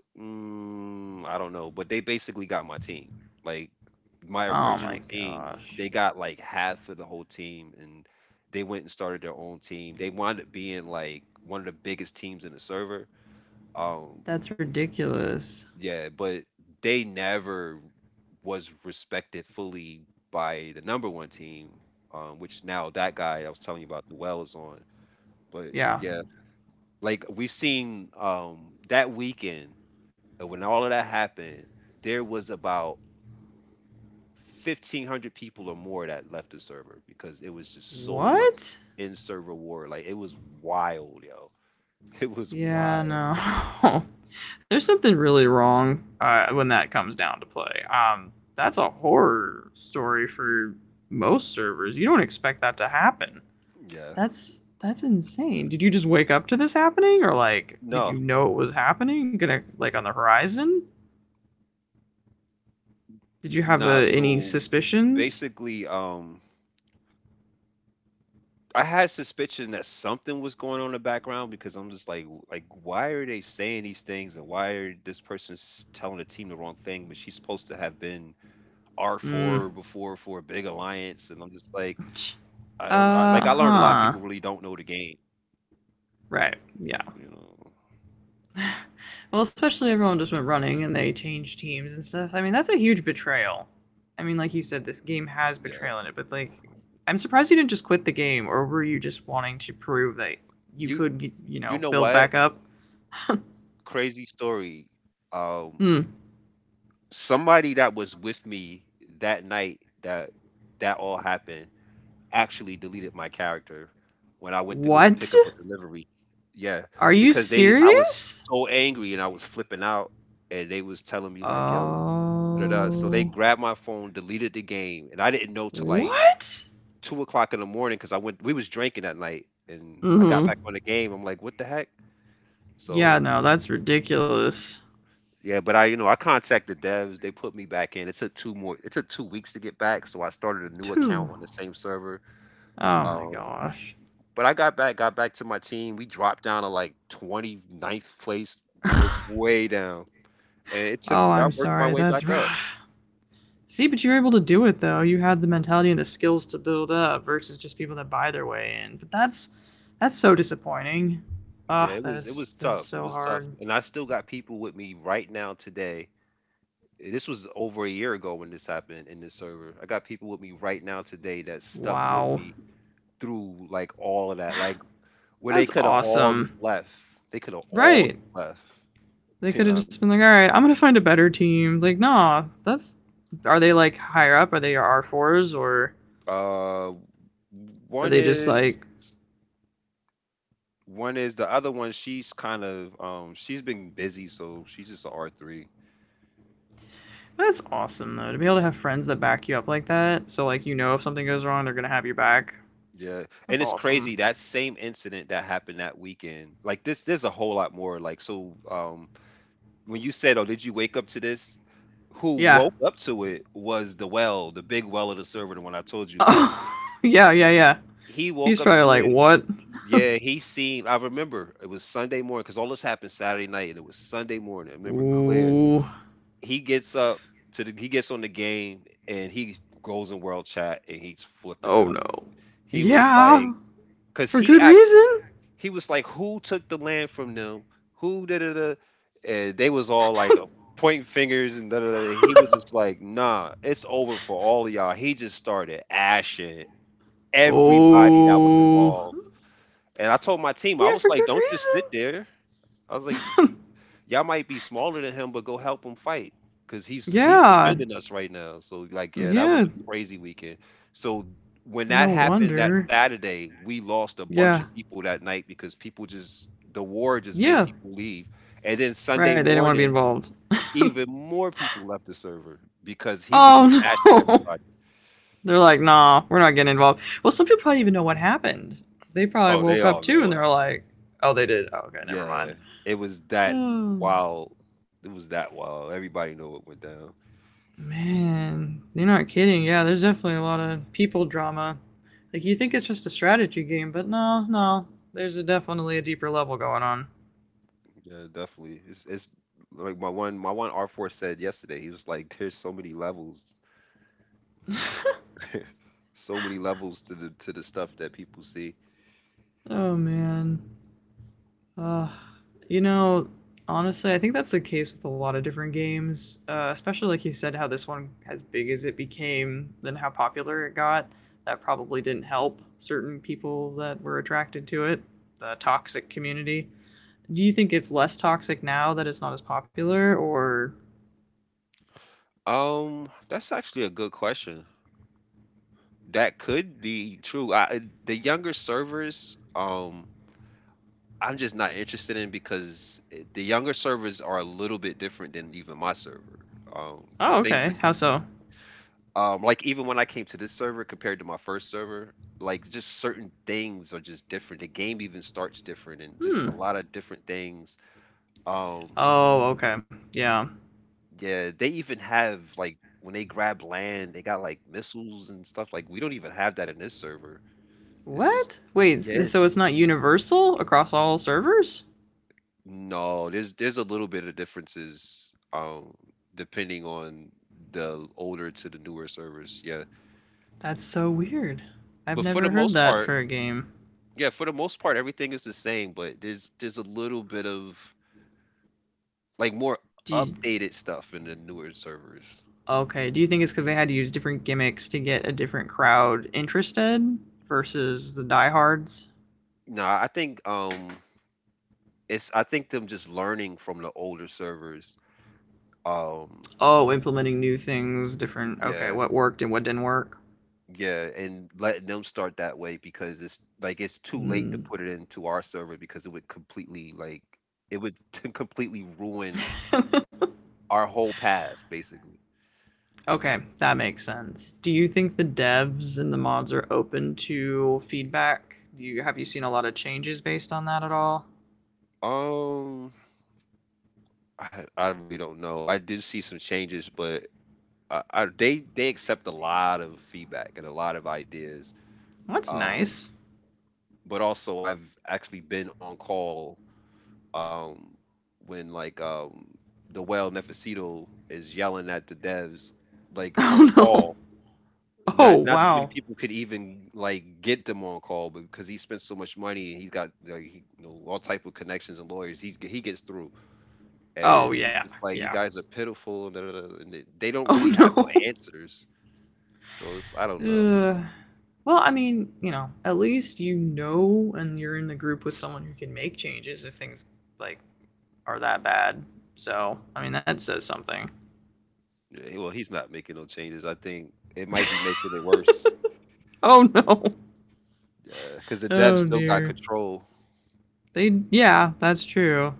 mm, I don't know, but they basically got my team. Like my Oh original my team, gosh. they got like half of the whole team, and they went and started their own team. They wound up being like one of the biggest teams in the server. Um, That's ridiculous. yeah, but they never was respected fully by the number one team, which now that guy I was telling you about, the well is on. But Yeah. yeah, like we seen that weekend when all of that happened, there was about 1,500 people or more that left the server because it was just so much What? in server war. Like it was wild, yo. It was Yeah, wild. no. There's something really wrong when that comes down to play. That's a horror story for most servers. You don't expect that to happen. Yeah. That's insane. Did you just wake up to this happening, or like, did you No, know it was happening? Gonna like on the horizon? no. Did you have So any basically, suspicions? I had suspicion that something was going on in the background because I'm just like, "W- like why are they saying these things and why are this person's telling the team the wrong thing?" But she's supposed to have been R Mm. four before for a big alliance, and I'm just like, I don't know. Uh Like I learned a lot of huh. people really don't know the game, Right. Yeah. you know? Well, especially everyone just went running and they changed teams and stuff. I mean, that's a huge betrayal. I mean, like you said, this game has Yeah, betrayal in it, but like, I'm surprised you didn't just quit the game, or were you just wanting to prove that you You could, you you know, know build what? back up? Crazy story. Um, Hmm. Somebody that was with me that night that all happened actually deleted my character when I went to go What? pick up a delivery. Yeah, Are you because they I was serious? so angry and I was flipping out and they was telling me like, "Yo, da, da, da." So they Oh. grabbed my phone, deleted the game, and I didn't know till like What? 2 o'clock in the morning because I went we was drinking that night and Mm I got back hmm. on the game. I'm like, what the heck? Yeah, So no, that's ridiculous. yeah, but I, you know, I contacted devs. They put me back in. It took two more. It took 2 weeks to get back. So I started a new Two. account on the same server. Oh my Um, gosh. But I got back, got back to my team, we dropped down to, like, twenty ninth place, like, way down, and it took Oh, I'm I worked sorry. my way That's back up. rough. See, but you were able to do it though. You had the mentality and the skills to build up versus just people that buy their way in. But that's so disappointing. Yeah, Ah, oh, that is that's it so was tough, hard. and I still got people with me right now today. This was over a year ago when this happened in this server. I got people with me right now today that stuck with Wow. me through, like, all of that, like, where they That's coulda all just awesome. left. They coulda all Right. just left, They you could have know? just been like, all right, I'm gonna find a better team. Like, nah, that's are they like higher up? Are they your R fours or Uh, are one they just is like One is the other one. She's kind of she's been busy, so she's just an R3. that's awesome though to be able to have friends that back you up like that. So like you know if something goes wrong, they're gonna have your back. Yeah, That's and it's crazy awesome. that same incident that happened that weekend. Like this, there's a whole lot more. Like so, when you said, "Oh, did you wake up to this?" Who Yeah. woke up to it was the well, the big well of the server, the one I told you about. Oh, yeah, yeah, yeah. He woke He's up probably to like, it. what? Yeah, he seen. I remember it was Sunday morning because all this happened Saturday night, and it was Sunday morning. I remember it clear. Ooh. he gets up he gets on the game and he goes in world chat and he's flipping Oh out. no. He was Yeah. like, because For he good act reason. he was like, who took the land from them? Who da da da? And they was all like pointing fingers and da da da. He was just like, nah, it's over for all of y'all. He just started ashing everybody that was Oh. involved. And I told my team, I Yeah, was for like, good don't just sit reason. there. I was like, y'all might be smaller than him, but go help him fight because he's Yeah. defending us right now. So like, yeah, that was Yeah. a crazy weekend. So when that No happened that wonder. Saturday, we lost a bunch Yeah. of people that night because people just the war just made Yeah. people leave. And then Right. Sunday They didn't want to be morning, involved. even more people left the server because he was Oh just ashing no. everybody. They're like, nah, we're not getting involved. Well, some people probably even know what happened. They probably Oh, they woke up all too know. and they're like, oh, they did. Oh, okay, never Yeah, mind. it was that Oh, wild. It was that wild. Everybody know what went down. man. You're not kidding. Yeah, there's definitely a lot of people drama. Like, you think it's just a strategy game, but no, no. There's a, definitely a deeper level going on. Yeah, definitely. It's like my one R4 said yesterday. He was like, "There's so many levels to the stuff that people see." Oh, man. Uh, you know, honestly, I think that's the case with a lot of different games, especially like you said, how this one, as big as it became, then how popular it got, that probably didn't help certain people that were attracted to it, the toxic community. Do you think it's less toxic now that it's not as popular, or. That's actually a good question. That could be true. The younger servers, I'm just not interested in because the younger servers are a little bit different than even my server. Oh, 'Cause things okay. are How so? um, like even when I came to this server compared to my first server, like just certain things are just different. The game even starts different and just Hmm. a lot of different things. Um, Oh, okay. Yeah. yeah, they even have like when they grab land, they got like missiles and stuff. Like we don't even have that in this server. It's just What? Wait, yes. so it's not universal across all servers? No, there's a little bit of differences depending on the older to the newer servers. Yeah. That's so weird. I've But for the never heard most that part, for a game. Yeah, for the most part, everything is the same, but there's a little bit of like more Do you, updated stuff in the newer servers. okay. Do you think it's because they had to use different gimmicks to get a different crowd interested versus the diehards? No, I think it's I think them just learning from the older servers. Um Oh, implementing new things, different. Okay, yeah, what worked and what didn't work. yeah, and letting them start that way because it's like it's too late to Hmm. put it into our server because it would completely like it would completely ruin our whole path basically. okay, that makes sense. Do you think the devs and the mods are open to feedback? Do you have you seen a lot of changes based on that at all? Um I really don't know. I did see some changes, but they accept a lot of feedback and a lot of ideas. Well, that's Um, nice. but also, I've actually been on call um, when like the well Nefesito is yelling at the devs, like on a Oh no. call. Not Oh not too many wow. people could even like get them on call, but because he spent so much money and he's got like he, you know, all type of connections and lawyers. He gets through Oh and he's yeah, just like, "You yeah. guys are pitiful and da, da, da," and they don't really Oh have no no. answers. So it's I don't know. Ugh. Well, I mean, you know, at least you know and you're in the group with someone who can make changes if things like are that bad. So, I mean, that says something. Yeah, well, he's not making no changes. I think it might be making it worse Oh no. because the devs Oh still got dear. control. They yeah, that's true.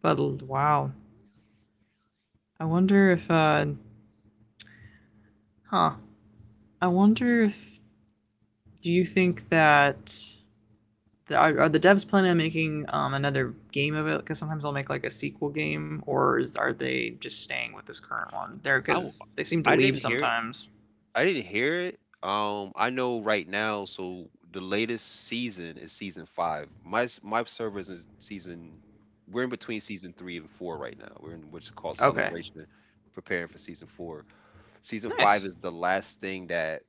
But wow. I wonder if huh. I wonder if do you think that are the devs planning on making another game of it? Because sometimes they'll make like a sequel game, are they just staying with this current one? There, I w- because they seem to I leave didn't hear it. sometimes. I didn't hear it. I know right now. So the latest season is season five. My server is in season. We're in between season three and four right now. We're in what's called Okay, celebration, preparing for season four. Season five nice. is the last thing that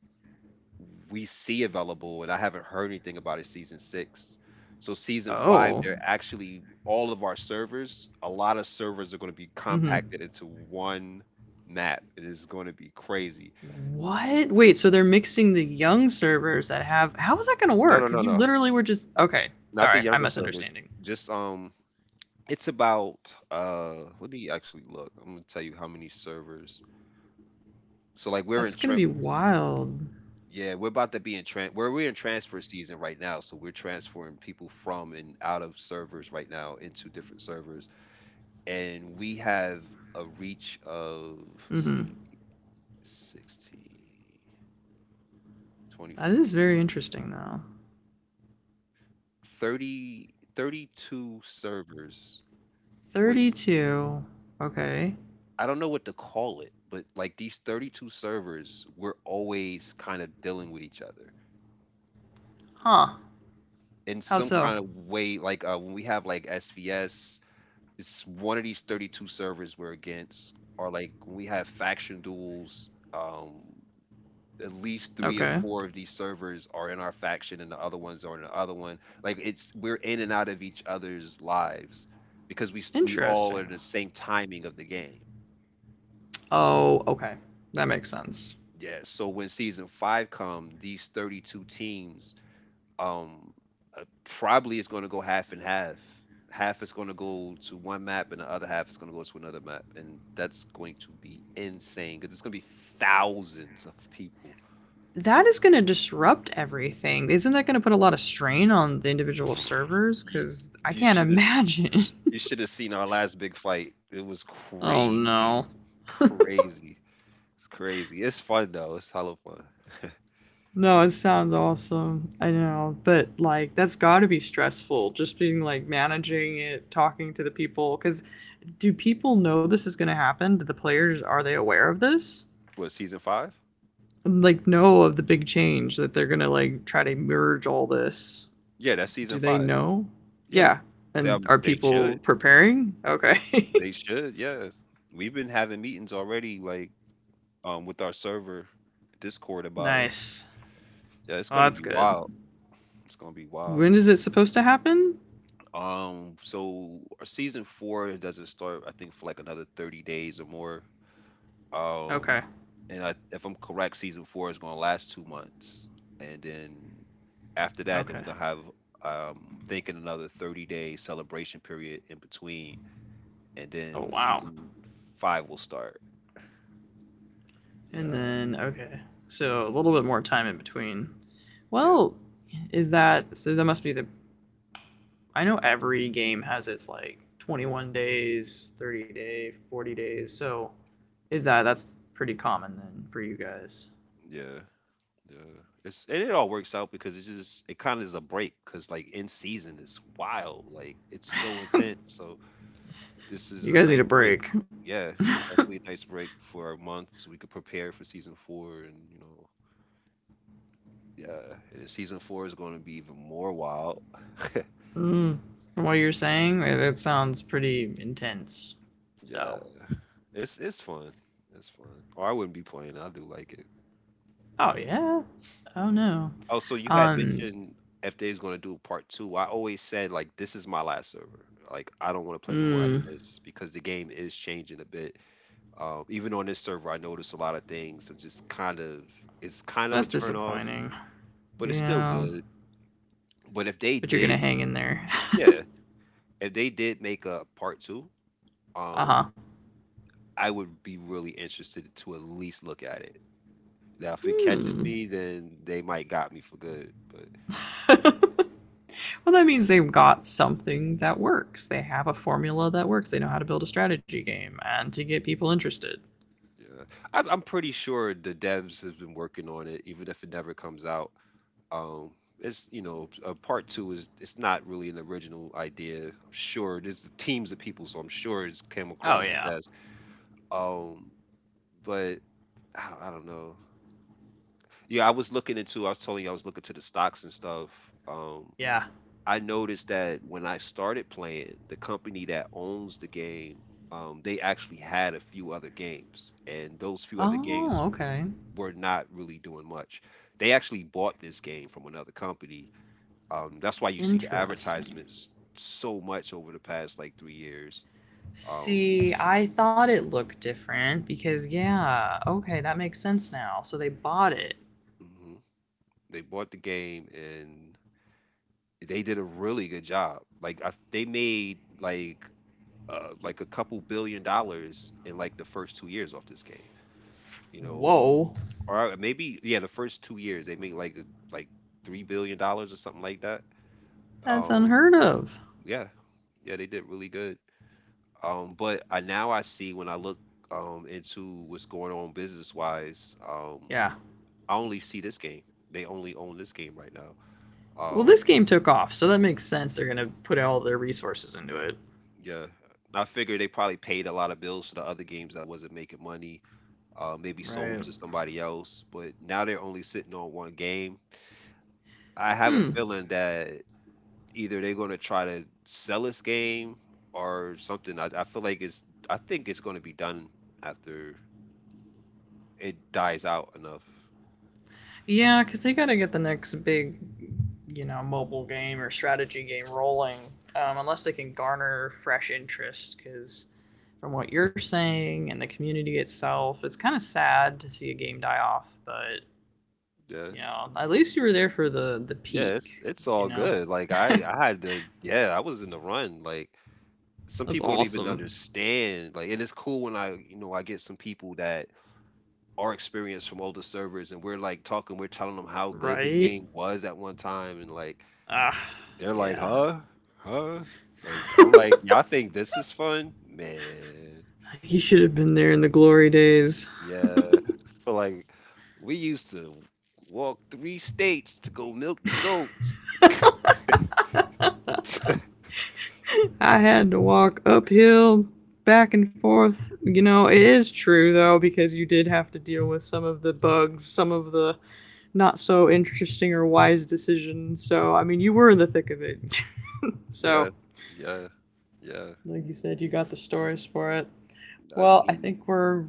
we see available, and I haven't heard anything about it season six. So season five, Oh, they're actually all of our servers. A lot of servers are going to be mm-hmm. compacted into one map. It is going to be crazy. What? Wait, so they're mixing the young servers that have. How is that going to No, work? no, Because no, you no, literally were just. Okay, not the sorry, I'm younger servers. misunderstanding. Just, it's about. Let me actually look. I'm gonna tell you how many servers. So like we're That's in going to trip. be wild. Yeah, we're about to be in tran. We're in transfer season right now, so we're transferring people from and out of servers right now into different servers. And we have a reach of, let's Mm-hmm. see, 16 20, That is very interesting, though. 30, 32 servers, which 32. Okay. I don't know what to call it, but like these 32 servers, we're always kind of dealing with each other Huh. in How some so? kind of way, like when we have like svs, it's one of these 32 servers we're against, or like when we have faction duels, at least three or Okay. four of these servers are in our faction and the other ones are in the other one. Like, it's we're in and out of each other's lives because we all are Interesting. in the same timing of the game. Oh, okay. That makes sense. Yeah. So when season five come, these 32 teams, um, probably it's going to go half and half. Half is going to go to one map, and the other half is going to go to another map, and that's going to be insane because it's going to be thousands of people. That is going to disrupt everything. Isn't that going to put a lot of strain on the individual servers? You Because I you can't should have imagine. You should have seen our last big fight. It was oh, crazy, no. crazy. It's crazy. It's fun though. It's hella fun. No, it sounds awesome. I know. But, like, that's got to be stressful. Just being, like, managing it, talking to the people. Because do people know this is going to happen? Do the players, are they aware of this? What, season five? Like, know of the big change that they're going to, like, try to merge all this. Yeah, that's season Do they five. know? Yeah, Yeah. they, And um, are they people should. preparing? Okay. They should. Yeah, we've been having meetings already, like with our server Discord about it. nice. Yeah, it's Oh, gonna that's be good. wild. It's gonna be wild. When is it supposed to happen? So our season four doesn't start, I think, for like another 30 days or more. Okay. Um, and I, if I'm correct, season four is going to last 2 months, and then after that, then Okay. we're gonna have, thinking, another 30-day celebration period in between, and Oh, then wow. season five will start. And Yeah, then, okay. So a little bit more time in between. yeah, Well, is that so? That must be the. I know every game has its like 21 days, 30 day, 40 days. So is that that's pretty common then for you guys? yeah, yeah. It's and it all works out because it's just it kind of is a break, because like in season is wild, like it's so intense. So this is You a guys need nice a break. break. Yeah, it's definitely a nice break for a month so we could prepare for season four, and. Yeah, and season four is going to be even more wild. Mm, from what you're saying, it sounds pretty intense. So, Yeah, it's fun. It's fun. Or I wouldn't be playing. I do like it. oh yeah. Oh no. Oh, so you had um, mentioned if they's going to do part two. I always said like this is my last server. Like I don't want to play no more after mm, this because the game is changing a bit. Even on this server, I noticed a lot of things. So just kind of, it's kind of a that's turn off, disappointing. but it's still Yeah, good. But if they but you're gonna did, hang in there. yeah, if they did make a part two, Uh huh. um, I would be really interested to at least look at it. Now, if it catches Hmm. me, then they might got me for good. But Well, that means they've got something that works. They have a formula that works. They know how to build a strategy game and to get people interested. yeah, I'm pretty sure the devs has been working on it, even if it never comes out. Um, it's, part two is, it's not really an original idea. I'm sure there's teams of people, so I'm sure it's came Oh across the yeah, desk. Um, but I don't know. Yeah, I was looking into. I was telling you I was looking to the stocks and stuff. Um, yeah. I noticed that when I started playing, the company that owns the game, they actually had a few other games, and those few other Oh games okay, were not really doing much. They actually bought this game from another company. That's why you see the interesting. advertisements so much over the past like 3 years. Um, See, I thought it looked different because, yeah, okay, that makes sense now. So they bought it. mhm. They bought the game and they did a really good job. Like I, they made like a couple billion dollars in like the first 2 years off this game you know Whoa, Or, maybe yeah, the first 2 years they made like like $3 billion or something like that. that's Um, unheard of. yeah, yeah, they did really good. But I now I see when I look into what's going on business wise, Yeah. I only see this game. They only own this game right now. Well, Um, this game took off, so that makes sense. They're going to put all their resources into it. yeah, I figure they probably paid a lot of bills for the other games that wasn't making money. Maybe sold them Right. to somebody else, but now they're only sitting on one game. I have a Hmm. feeling that either they're going to try to sell this game or something. I feel like it's I think it's going to be done after it dies out enough. Yeah, because they got to get the next big, mobile game or strategy game rolling, unless they can garner fresh interest. Because from what you're saying and the community itself, it's kind of sad to see a game die off. But Yeah. yeah, at least you were there for the Yeah, it's peak. it's You all know, good. Like I had to, yeah, I was in the run. Like some that's people don't even awesome, understand. Like, and it's cool when I, I get some people that are experienced from older servers, and we're like talking, we're telling them how good the right? game was at one time, and like Ah, they're like, yeah. "Huh? Huh?" Like, I'm like, "Y'all think this is fun?" Man. You should have been there in the glory days. Yeah. So like we used to walk three states to go milk the goats. I had to walk uphill, back and forth. You know, it is true though, because you did have to deal with some of the bugs, some of the not so interesting or wise decisions. So, I mean, you were in the thick of it. Yeah. So, Yeah. Yeah. like you said, you got the stories for it. I've Well, I seen think we're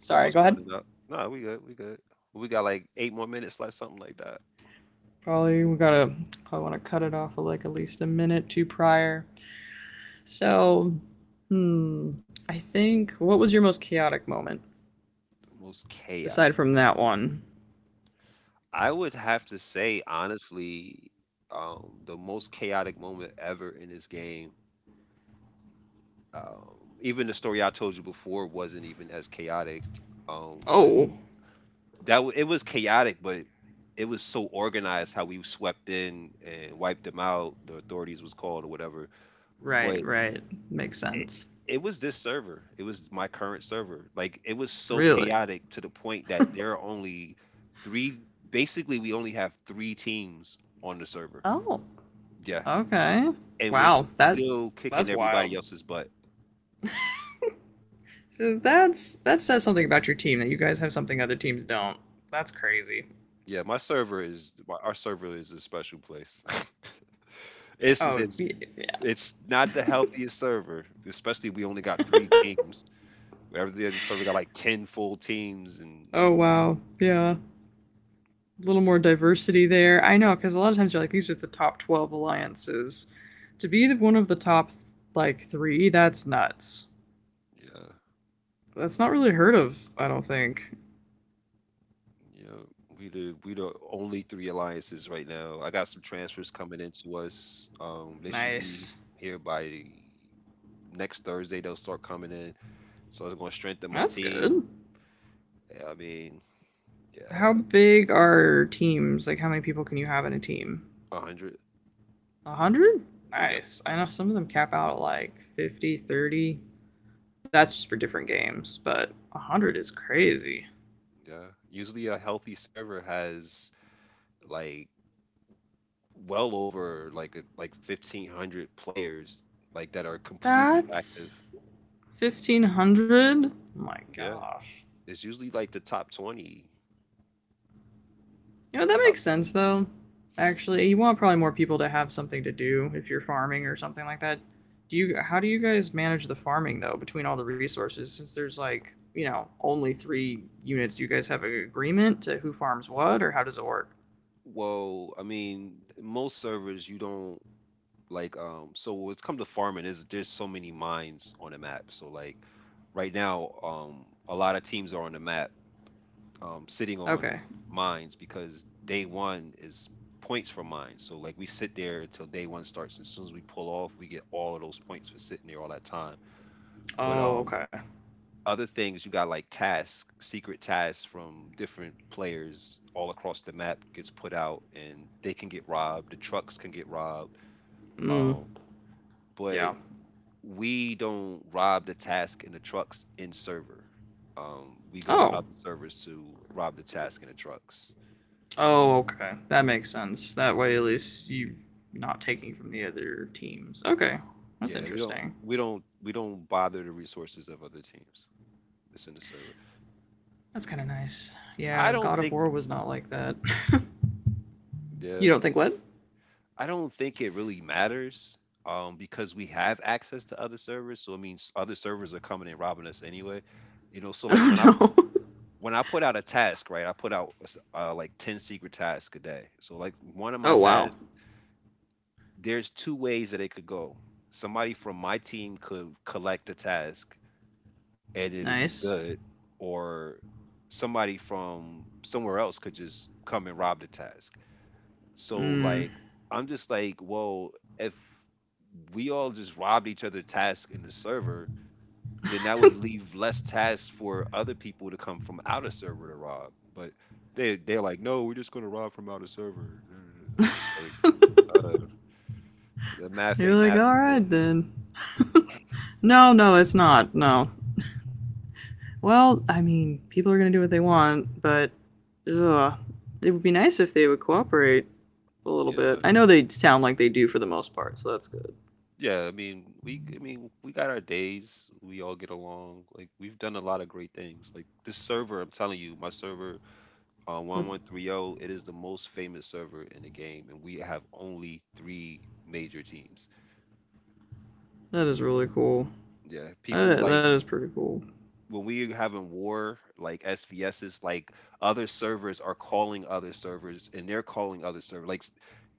sorry. almost Go ahead. running up. Nah, we good. We good. We got like eight more minutes left, something like that. Probably we gotta, I want to cut it off with like at least a minute to prior. So, hmm, I think, what was your most chaotic moment Most aside chaotic. from that one? I would have to say, honestly, the most chaotic moment ever in this game. Even the story I told you before wasn't even as chaotic. But Oh, it was chaotic, but it was so organized how we swept in and wiped them out. The authorities was called or whatever. right, But right, makes it, sense. it was this server. It was my current server. Like it was so Really? chaotic to the point that there are only three. Basically, we only have three teams on the server. Oh. Yeah, Okay. and we're Wow, that still kicking that's everybody wild. else's butt. So that's that says something about your team, that you guys have something other teams don't. That's crazy. Yeah, my server is my, our server is a special place. it's Oh it's yeah. It's not the healthiest server, especially we only got 3 teams. Where every other server got like 10 full teams and, Oh wow. Yeah, a little more diversity there. I know because a lot of times you're like, these are the top 12 alliances. To be one of the top like three, that's nuts. yeah, That's not yeah, really heard of, I don't think. yeah. We the only three alliances right now. I got some transfers coming into us. They should be Nice. here by next Thursday. They'll start coming in, so it's going to strengthen my That's good. team. Yeah, I mean, yeah, How big are teams? Like, how many people can you have in a team? a hundred. A hundred? Yep. Nice. I know some of them cap out at like 50, 30. That's just for different games, but a Mhm, hundred is crazy. yeah. Usually a healthy server has like well over like a, like 1,500 players, like, that are completely active. That's 1500? Oh my Yeah. gosh. It's usually like the top 20, You know, that top makes 20. sense though. Actually, you want probably more people to have something to do if you're farming or something like that. Do you, how do you guys manage the farming though between all the resources, since there's like, you know, only 3 units? Do you guys have an agreement to who farms what, or how does it work? Well, I mean, most servers you don't, like, so when it's come to farming is there's so many mines on the map. So like right now, a lot of teams are on the map, sitting Okay. on mines, because day 1 is points for mines. So like we sit there until day 1 starts, and as soon as we pull off, we get all of those points for sitting there all that time. But, Oh, okay. other things you got like tasks, secret tasks from different players all across the map, gets put out, and they can get robbed. The trucks can get robbed. Mm, Um, but yeah. we don't rob the task in the trucks in server. We go to Oh. other servers to rob the task in the trucks. Oh, okay. That makes sense. That way at least you are not taking from the other teams. Okay. That's Yeah, we don't interesting. we don't we don't bother the resources of other teams. It's in the server. That's kind of nice. I Yeah, don't God of think. War was not like that. Yeah, You don't think what? I don't think it really matters, because we have access to other servers, so it means other servers are coming and robbing us anyway. You know, so like Oh when I no. when I put out a task, right? I put out like 10 secret tasks a day. So like one of my Oh wow. tasks, there's two ways that it could go. Somebody from my team could collect the task and it'd be Nice. good, or somebody from somewhere else could just come and rob the task. So Mm. like, I'm just like, well, if we all just robbed each other tasks in the server, then that would leave less tasks for other people to come from out of server to rob. But they're like, no, we're just gonna rob from out of server. I'm just like, uh, the math You're ain't like, math, all but right then. No, no, it's not. No. Well, I mean, people are gonna do what they want, but ugh, it would be nice if they would cooperate a little bit. yeah. I know they sound like they do for the most part, so that's good. Yeah, I mean, we got our days. We all get along. Like, we've done a lot of great things. Like this server, I'm telling you, my server, That, 1130, it is the most famous server in the game, and we have only three major teams. that is really cool. Yeah, people That that like is pretty cool. when we having war, like SVSs, like other servers are calling other servers, and they're calling other servers. Like,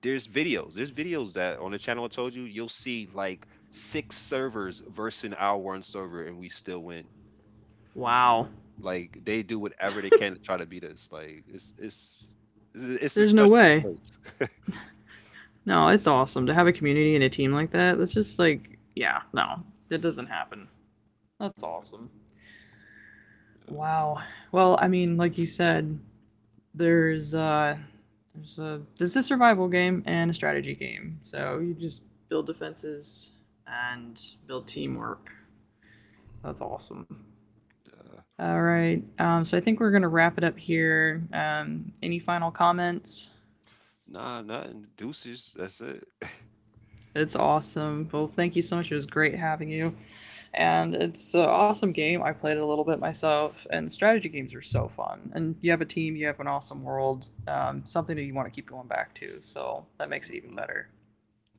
there's videos that on the channel I told you, you'll see like six servers versus our one server, and we still win. Wow. Like, they do whatever they can to try to beat us. Like, it's a There's no special way. place. No, it's awesome to have a community and a team like that. That's just like, yeah, no, that doesn't happen. That's awesome. Wow. Well, I mean, like you said, there's uh there's a, this is a survival game and a strategy game. So you just build defenses and build teamwork. That's awesome. Yeah. All right. So I think we're gonna wrap it up here. Any final comments? Nah, nothing. Deuces. That's it. It's awesome. Well, thank you so much. It was great having you. And it's an awesome game. I played it a little bit myself, and strategy games are so fun. And you have a team, you have an awesome world, something that you want to keep going back to. So that makes it even Hmm. better.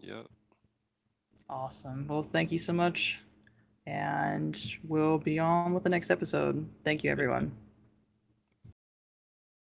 Yep. Awesome. Well, thank you so much. And we'll be on with the next episode. Thank you, Thank you. everyone.